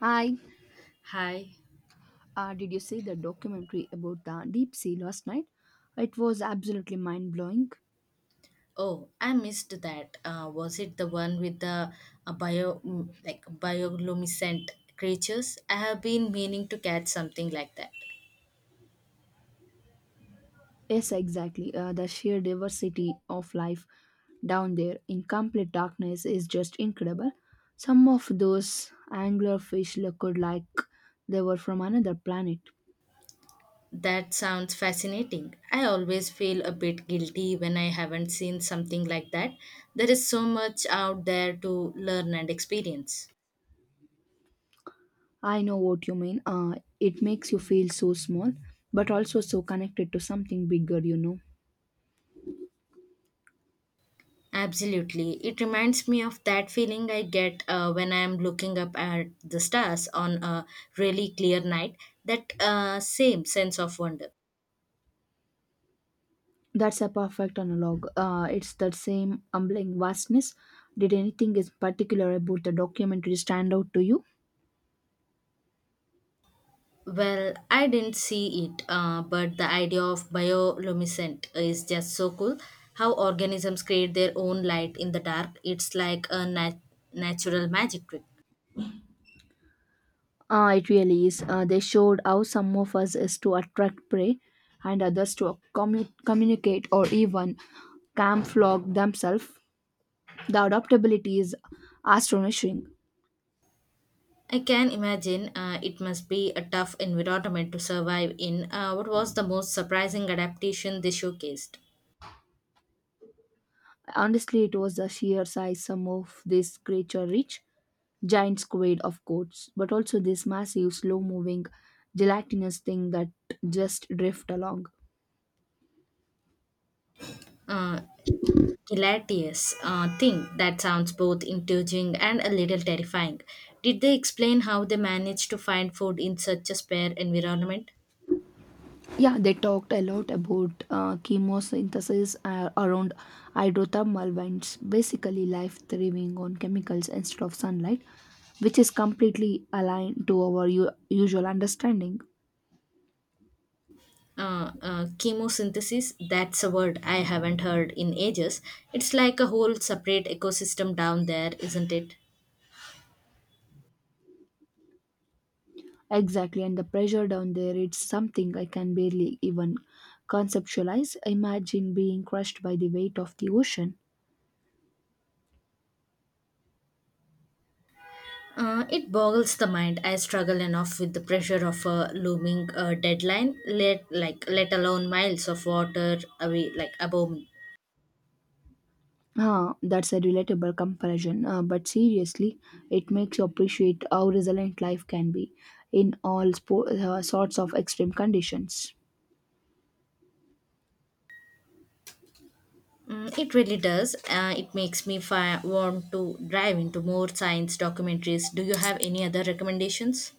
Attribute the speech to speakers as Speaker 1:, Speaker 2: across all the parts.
Speaker 1: Hi,
Speaker 2: Hi.
Speaker 1: did you see the documentary about the deep sea last night? It was absolutely mind blowing.
Speaker 2: Oh, I missed that. Was it the one with the like bioluminescent creatures? I have been meaning to catch something like that.
Speaker 1: Yes, exactly. The sheer diversity of life down there in complete darkness is just incredible. Some of those anglerfish looked like they were from another planet.
Speaker 2: That sounds fascinating. I always feel a bit guilty when I haven't seen something like that. There is so much out there to learn and experience.
Speaker 1: I know what you mean. It makes you feel so small, but also so connected to something bigger.
Speaker 2: Absolutely. It reminds me of that feeling I get when I am looking up at the stars on a really clear night, that same sense of wonder.
Speaker 1: That's a perfect analog. It's that same humbling vastness. Did anything in particular about the documentary stand out to you?
Speaker 2: Well, I didn't see it, but the idea of bioluminescent is just so cool. How organisms create their own light in the dark, it's like a natural magic trick.
Speaker 1: It really is. They showed how some of us is to attract prey and others to communicate or even camouflage themselves. The adaptability is astonishing.
Speaker 2: I can imagine it must be a tough environment to survive in. What was the most surprising adaptation they showcased?
Speaker 1: Honestly, it was the sheer size some of this creature reached giant squid, of course, but also this massive, slow moving, gelatinous thing that just drift along.
Speaker 2: Uh, hilarious thing that sounds both intriguing and a little terrifying. Did they explain how they managed to find food in such a spare environment?
Speaker 1: Yeah, they talked a lot about chemosynthesis around hydrothermal vents, basically, life thriving on chemicals instead of sunlight, which is completely aligned to our usual understanding.
Speaker 2: Chemosynthesis, that's a word I haven't heard in ages. It's like a whole separate ecosystem down there, isn't it?
Speaker 1: Exactly, and the pressure down there, it's something I can barely even conceptualize. Imagine being crushed by the weight of the ocean.
Speaker 2: It boggles the mind. I struggle enough with the pressure of a looming deadline, let alone miles of water away like above me.
Speaker 1: Ah, that's a relatable comparison, but seriously, it makes you appreciate how resilient life can be in all sorts of extreme conditions.
Speaker 2: Mm, it really does. It makes me want to dive into more science documentaries. Do you have any other recommendations?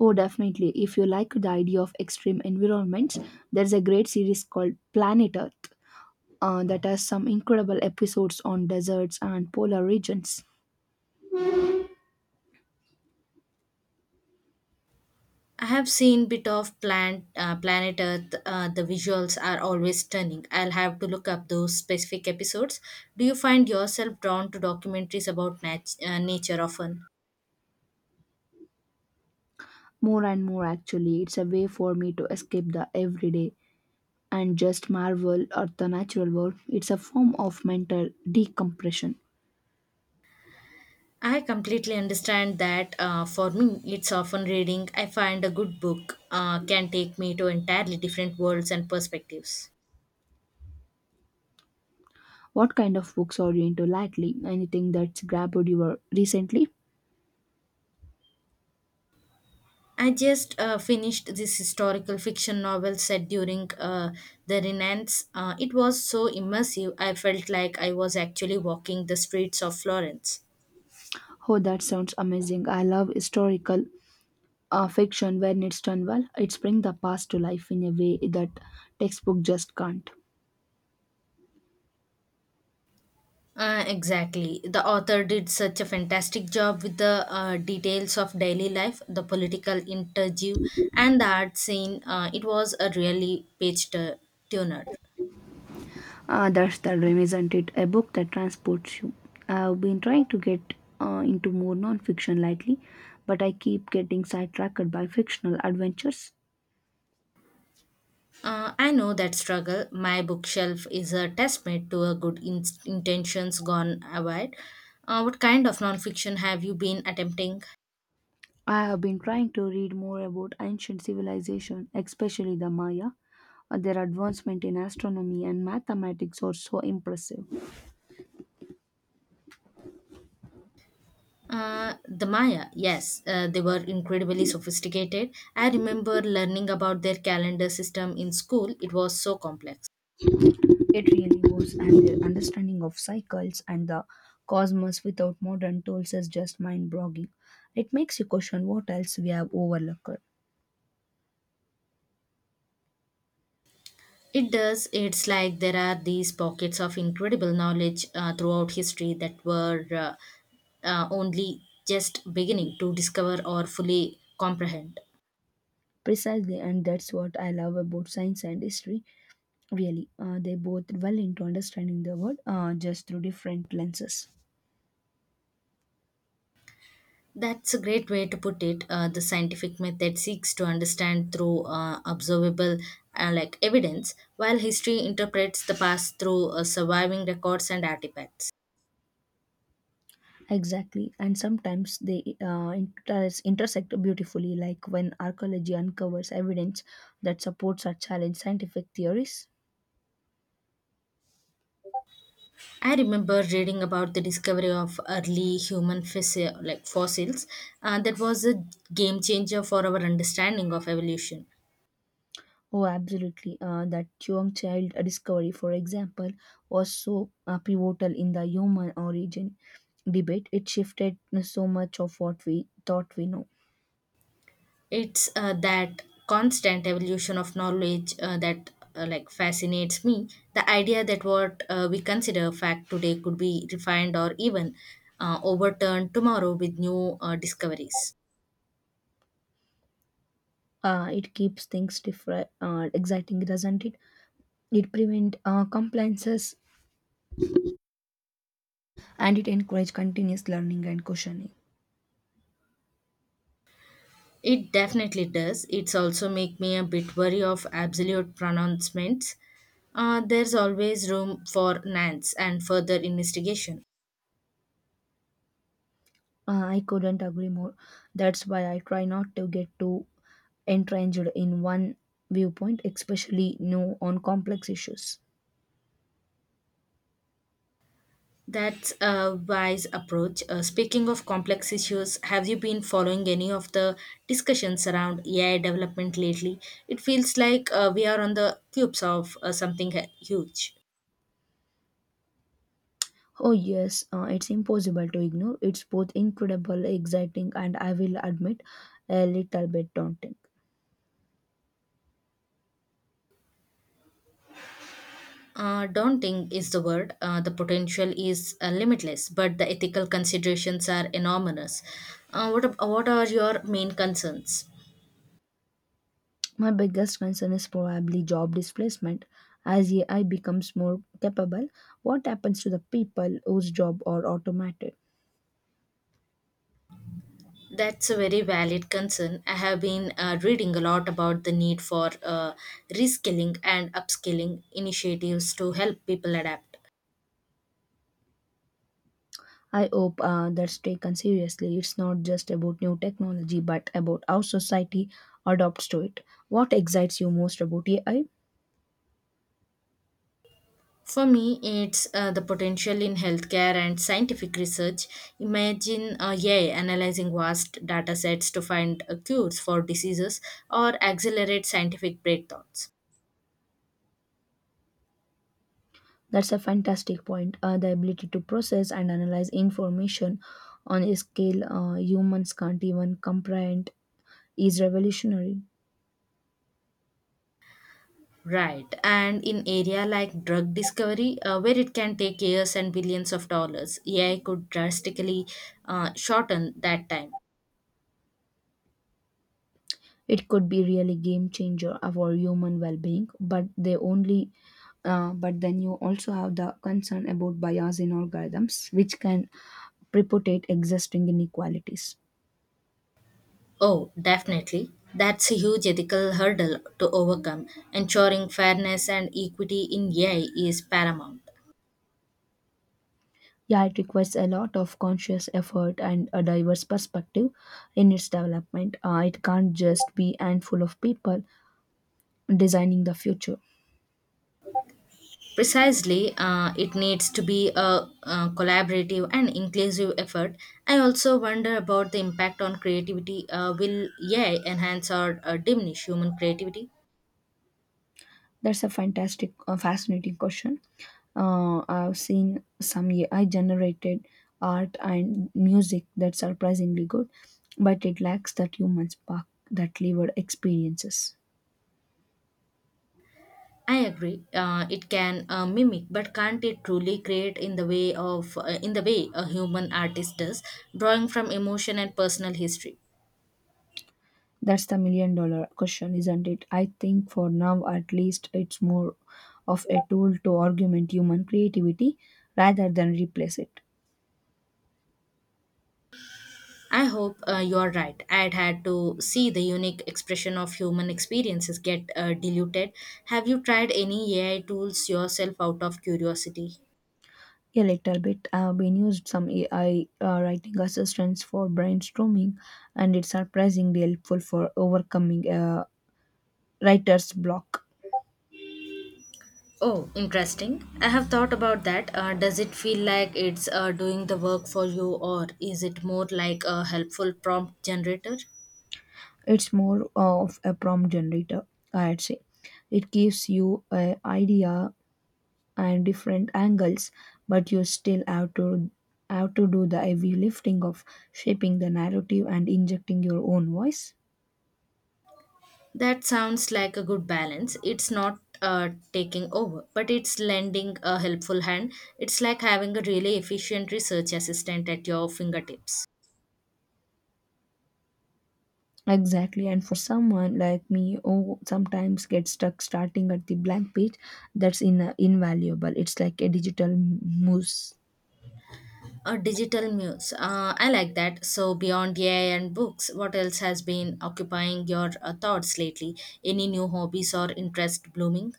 Speaker 1: Oh, definitely. If you like the idea of extreme environments, there's a great series called Planet Earth that has some incredible episodes on deserts and polar regions.
Speaker 2: I have seen bit of plant Planet Earth. The visuals are always stunning. I'll have to look up those specific episodes. Do you find yourself drawn to documentaries about nature often?
Speaker 1: More and more, actually, it's a way for me to escape the everyday and just marvel at the natural world. It's a form of mental decompression.
Speaker 2: I completely understand that. For me, it's often reading. I find a good book can take me to entirely different worlds and perspectives.
Speaker 1: What kind of books are you into lately? Anything that's grabbed you recently?
Speaker 2: I just finished this historical fiction novel set during the Renaissance. It was so immersive, I felt like I was actually walking the streets of Florence.
Speaker 1: Oh, that sounds amazing. I love historical fiction when it's done well. It brings the past to life in a way that textbook just can't.
Speaker 2: Exactly. The author did such a fantastic job with the details of daily life, the political interview, and the art scene. It was a really page turner.
Speaker 1: Ah, that's the dream, isn't it? A book that transports you. I've been trying to get into more non-fiction lately, but I keep getting sidetracked by fictional adventures.
Speaker 2: I know that struggle. My bookshelf is a testament to a good intentions gone awry. What kind of nonfiction have you been attempting?
Speaker 1: I have been trying to read more about ancient civilization, especially the Maya. Their advancement in astronomy and mathematics are so impressive.
Speaker 2: The Maya, yes, they were incredibly sophisticated. I remember learning about their calendar system in school, it was so complex.
Speaker 1: It really was, and their understanding of cycles and the cosmos without modern tools is just mind boggling. It makes you question what else we have overlooked.
Speaker 2: It does, it's like there are these pockets of incredible knowledge throughout history that were only just beginning to discover or fully comprehend.
Speaker 1: Precisely, and that's what I love about science and history. Really, they both well into understanding the world just through different lenses.
Speaker 2: That's a great way to put it. The scientific method seeks to understand through observable evidence, while history interprets the past through surviving records and artifacts.
Speaker 1: Exactly, and sometimes they intersect beautifully, like when archaeology uncovers evidence that supports or challenges scientific theories.
Speaker 2: I remember reading about the discovery of early human fossil, like fossils. That was a game changer for our understanding of evolution.
Speaker 1: Oh, absolutely. That Chuang child discovery, for example, was so pivotal in the human origin debate. It shifted so much of what we thought we know.
Speaker 2: It's that constant evolution of knowledge that fascinates me. The idea that what we consider fact today could be refined or even overturned tomorrow with new discoveries.
Speaker 1: It keeps things different exciting, doesn't it? It prevents compliances, and it encourages continuous learning and questioning.
Speaker 2: It definitely does. It's also make me a bit wary of absolute pronouncements. There's always room for nance and further investigation.
Speaker 1: I couldn't agree more. That's why I try not to get too entrenched in one viewpoint, especially no on complex issues.
Speaker 2: That's a wise approach. Speaking of complex issues, have you been following any of the discussions around AI development lately? It feels like we are on the cusp of something huge.
Speaker 1: Oh yes, it's impossible to ignore. It's both incredible exciting, and I will admit a little bit daunting.
Speaker 2: Daunting is the word. The potential is limitless, but the ethical considerations are enormous. What are your main concerns?
Speaker 1: My biggest concern is probably job displacement. As AI becomes more capable, what happens to the people whose job are automated?
Speaker 2: That's a very valid concern. I have been reading a lot about the need for reskilling and upskilling initiatives to help people adapt.
Speaker 1: I hope that's taken seriously. It's not just about new technology, but about how society adopts to it. What excites you most about AI?
Speaker 2: For me, it's the potential in healthcare and scientific research. Imagine AI analyzing vast data sets to find cures for diseases or accelerate scientific breakthroughs.
Speaker 1: That's a fantastic point. The ability to process and analyze information on a scale humans can't even comprehend is revolutionary.
Speaker 2: Right. And in area like drug discovery, where it can take years and billions of dollars, AI could drastically shorten that time.
Speaker 1: It could be really game changer for human well-being but they only but then you also have the concern about bias in algorithms, which can perpetuate existing inequalities.
Speaker 2: Oh, definitely. That's a huge ethical hurdle to overcome. Ensuring fairness and equity in AI is paramount.
Speaker 1: Yeah, it requires a lot of conscious effort and a diverse perspective in its development. It can't just be a handful of people designing the future.
Speaker 2: Precisely, it needs to be a, collaborative and inclusive effort. I also wonder about the impact on creativity. Will AI enhance or diminish human creativity?
Speaker 1: That's a fascinating question. I've seen some AI generated art and music that's surprisingly good, but it lacks that human spark that lived experiences.
Speaker 2: I agree. It can mimic, but can't it truly create in the way of in the way a human artist does, drawing from emotion and personal history?
Speaker 1: That's the million dollar question, isn't it? I think for now, at least, it's more of a tool to augment human creativity rather than replace it.
Speaker 2: I hope you are right. I'd had to see the unique expression of human experiences get diluted. Have you tried any AI tools yourself out of curiosity?
Speaker 1: A little bit. I've been used some AI writing assistants for brainstorming, and it's surprisingly helpful for overcoming a writer's block.
Speaker 2: Oh, interesting. I have thought about that. Does it feel like it's doing the work for you, or is it more like a helpful prompt generator?
Speaker 1: It's more of a prompt generator, I'd say. It gives you an idea and different angles, but you still have to do the heavy lifting of shaping the narrative and injecting your own voice.
Speaker 2: That sounds like a good balance. It's not taking over, but it's lending a helpful hand. It's like having a really efficient research assistant at your fingertips.
Speaker 1: Exactly, and for someone like me who sometimes gets stuck starting at the blank page, that's invaluable. It's like a digital muse.
Speaker 2: A digital muse. I like that. So, beyond AI and books, what else has been occupying your thoughts lately? Any new hobbies or interest blooming?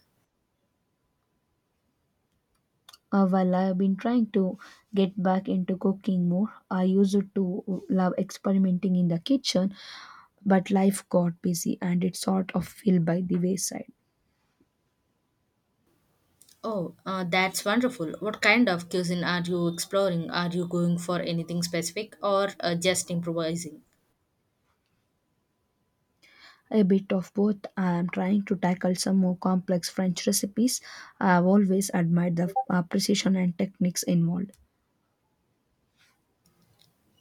Speaker 1: While I've been trying to get back into cooking more, I used to love experimenting in the kitchen, but life got busy and it sort of fell by the wayside.
Speaker 2: Oh, that's wonderful. What kind of cuisine are you exploring? Are you going for anything specific or just improvising?
Speaker 1: A bit of both. I'm trying to tackle some more complex French recipes. I've always admired the precision and techniques involved.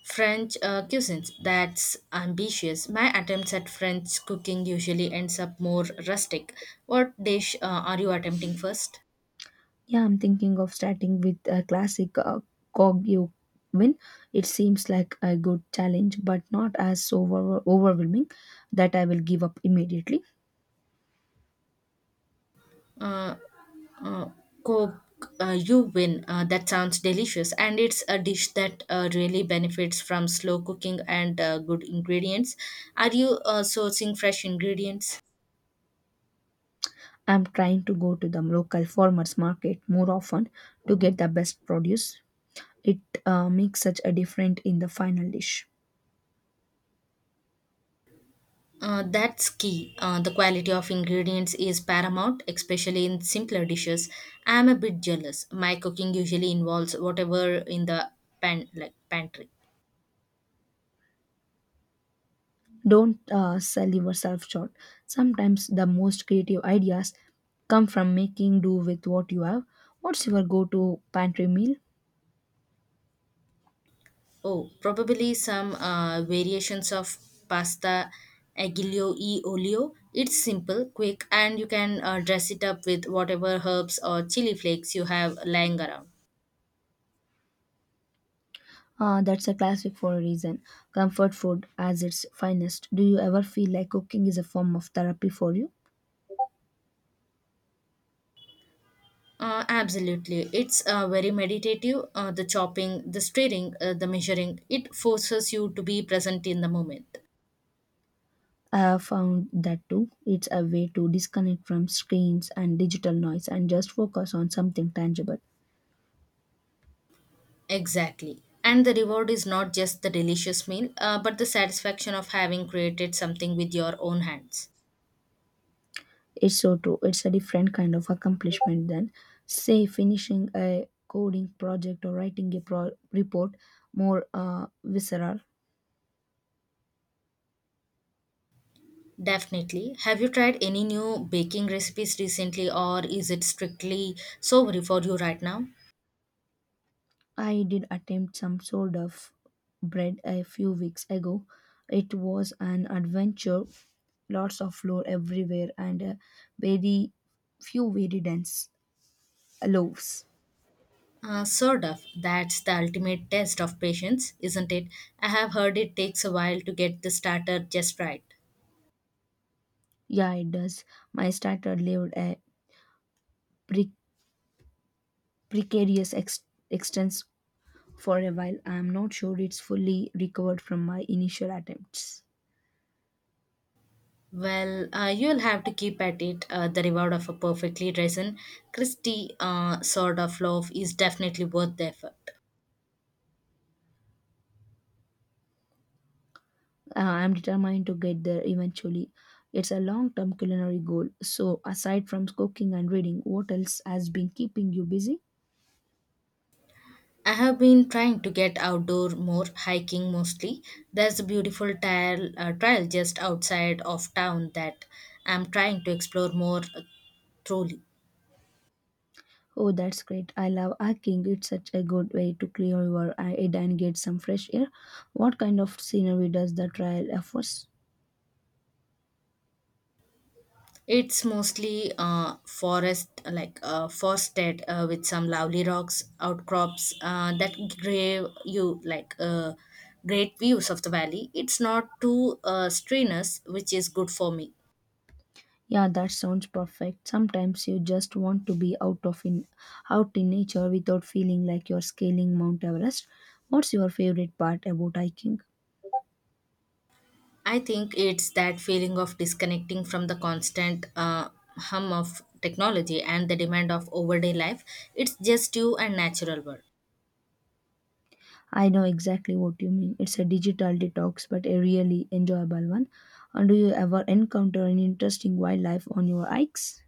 Speaker 2: French cuisines. That's ambitious. My attempts at French cooking usually ends up more rustic. What dish are you attempting first?
Speaker 1: Yeah, I'm thinking of starting with a classic Kogyo win. It seems like a good challenge, but not as overwhelming that I will give up immediately.
Speaker 2: Uh, uh, Coke, you win. That sounds delicious, and it's a dish that really benefits from slow cooking and good ingredients. Are you sourcing fresh ingredients?
Speaker 1: I'm trying to go to the local farmers market more often to get the best produce. It makes such a difference in the final dish.
Speaker 2: That's key. The quality of ingredients is paramount, especially in simpler dishes. I am a bit jealous. My cooking usually involves whatever in the pantry.
Speaker 1: Don't sell yourself short. Sometimes the most creative ideas come from making do with what you have. What's your go to pantry meal?
Speaker 2: Oh, probably some variations of pasta aglio e olio. It's simple, quick, and you can dress it up with whatever herbs or chili flakes you have lying around.
Speaker 1: Ah, that's a classic for a reason. Comfort food as its finest. Do you ever feel like cooking is a form of therapy for you?
Speaker 2: Absolutely. It's very meditative. The chopping, the stirring, the measuring, it forces you to be present in the moment.
Speaker 1: I have found that too. It's a way to disconnect from screens and digital noise and just focus on something tangible.
Speaker 2: Exactly. And the reward is not just the delicious meal, but the satisfaction of having created something with your own hands.
Speaker 1: It's so true. It's a different kind of accomplishment than, say, finishing a coding project or writing a report, more visceral.
Speaker 2: Definitely. Have you tried any new baking recipes recently, or is it strictly sober for you right now?
Speaker 1: I did attempt some sort of bread a few weeks ago. It was an adventure, lots of flour everywhere and , very few very dense loaves.
Speaker 2: Sort of. That's the ultimate test of patience, isn't it? I have heard it takes a while to get the starter just right.
Speaker 1: Yeah, it does. My starter lived a pre- precarious extents for a while. I am not sure it's fully recovered from my initial attempts.
Speaker 2: Well, you'll have to keep at it. The reward of a perfectly risen, crispy sort of loaf is definitely worth the effort.
Speaker 1: I'm determined to get there eventually. It's a long term culinary goal. So, aside from cooking and reading, what else has been keeping you busy?
Speaker 2: I have been trying to get outdoor more, hiking mostly. There's a beautiful trail just outside of town that I'm trying to explore more thoroughly.
Speaker 1: Oh, that's great. I love hiking. It's such a good way to clear your head and get some fresh air. What kind of scenery does the trail offers?
Speaker 2: It's mostly forested with some lovely rocks, outcrops that give you great views of the valley. It's not too strenuous, which is good for me.
Speaker 1: Yeah, that sounds perfect. Sometimes you just want to be out in nature without feeling like you're scaling Mount Everest. What's your favorite part about hiking?
Speaker 2: I think it's that feeling of disconnecting from the constant hum of technology and the demand of overday life. It's just you and natural world.
Speaker 1: I know exactly what you mean. It's a digital detox, but a really enjoyable one. And do you ever encounter an interesting wildlife on your hikes?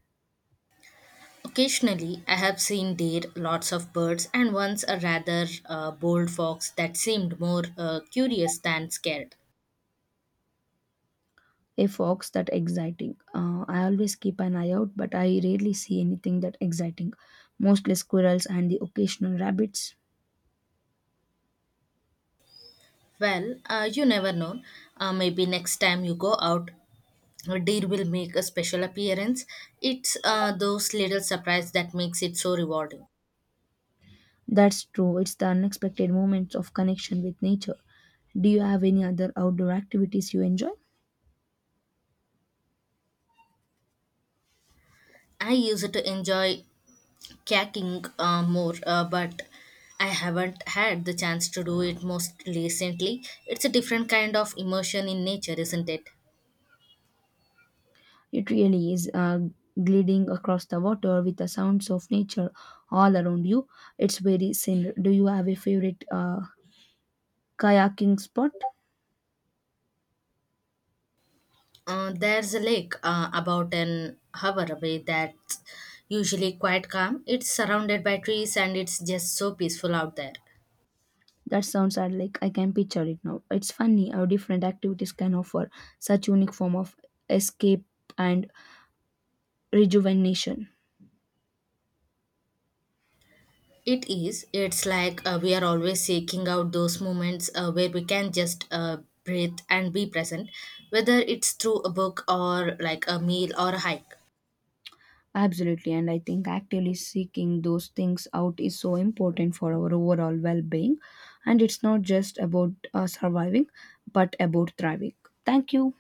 Speaker 2: Occasionally, I have seen deer, lots of birds, and once a rather bold fox that seemed more curious than scared.
Speaker 1: A fox that exciting. I always keep an eye out, but I rarely see anything that exciting. Mostly squirrels and the occasional rabbits.
Speaker 2: Well, you never know. Maybe next time you go out, a deer will make a special appearance. It's those little surprise that makes it so rewarding.
Speaker 1: That's true. It's the unexpected moments of connection with nature. Do you have any other outdoor activities you enjoy?
Speaker 2: I used to enjoy kayaking more, but I haven't had the chance to do it most recently. It's a different kind of immersion in nature, isn't it?
Speaker 1: It really is gliding across the water with the sounds of nature all around you. It's very scenic. Do you have a favorite kayaking spot?
Speaker 2: There's a lake about an hour away that's usually quite calm. It's surrounded by trees and it's just so peaceful out there.
Speaker 1: That sounds are like I can picture it now. It's funny how different activities can offer such unique form of escape and rejuvenation.
Speaker 2: It is. It's like we are always seeking out those moments where we can just breathe and be present, whether it's through a book or like a meal or a hike.
Speaker 1: Absolutely, and I think actively seeking those things out is so important for our overall well-being. And it's not just about surviving, but about thriving. Thank you.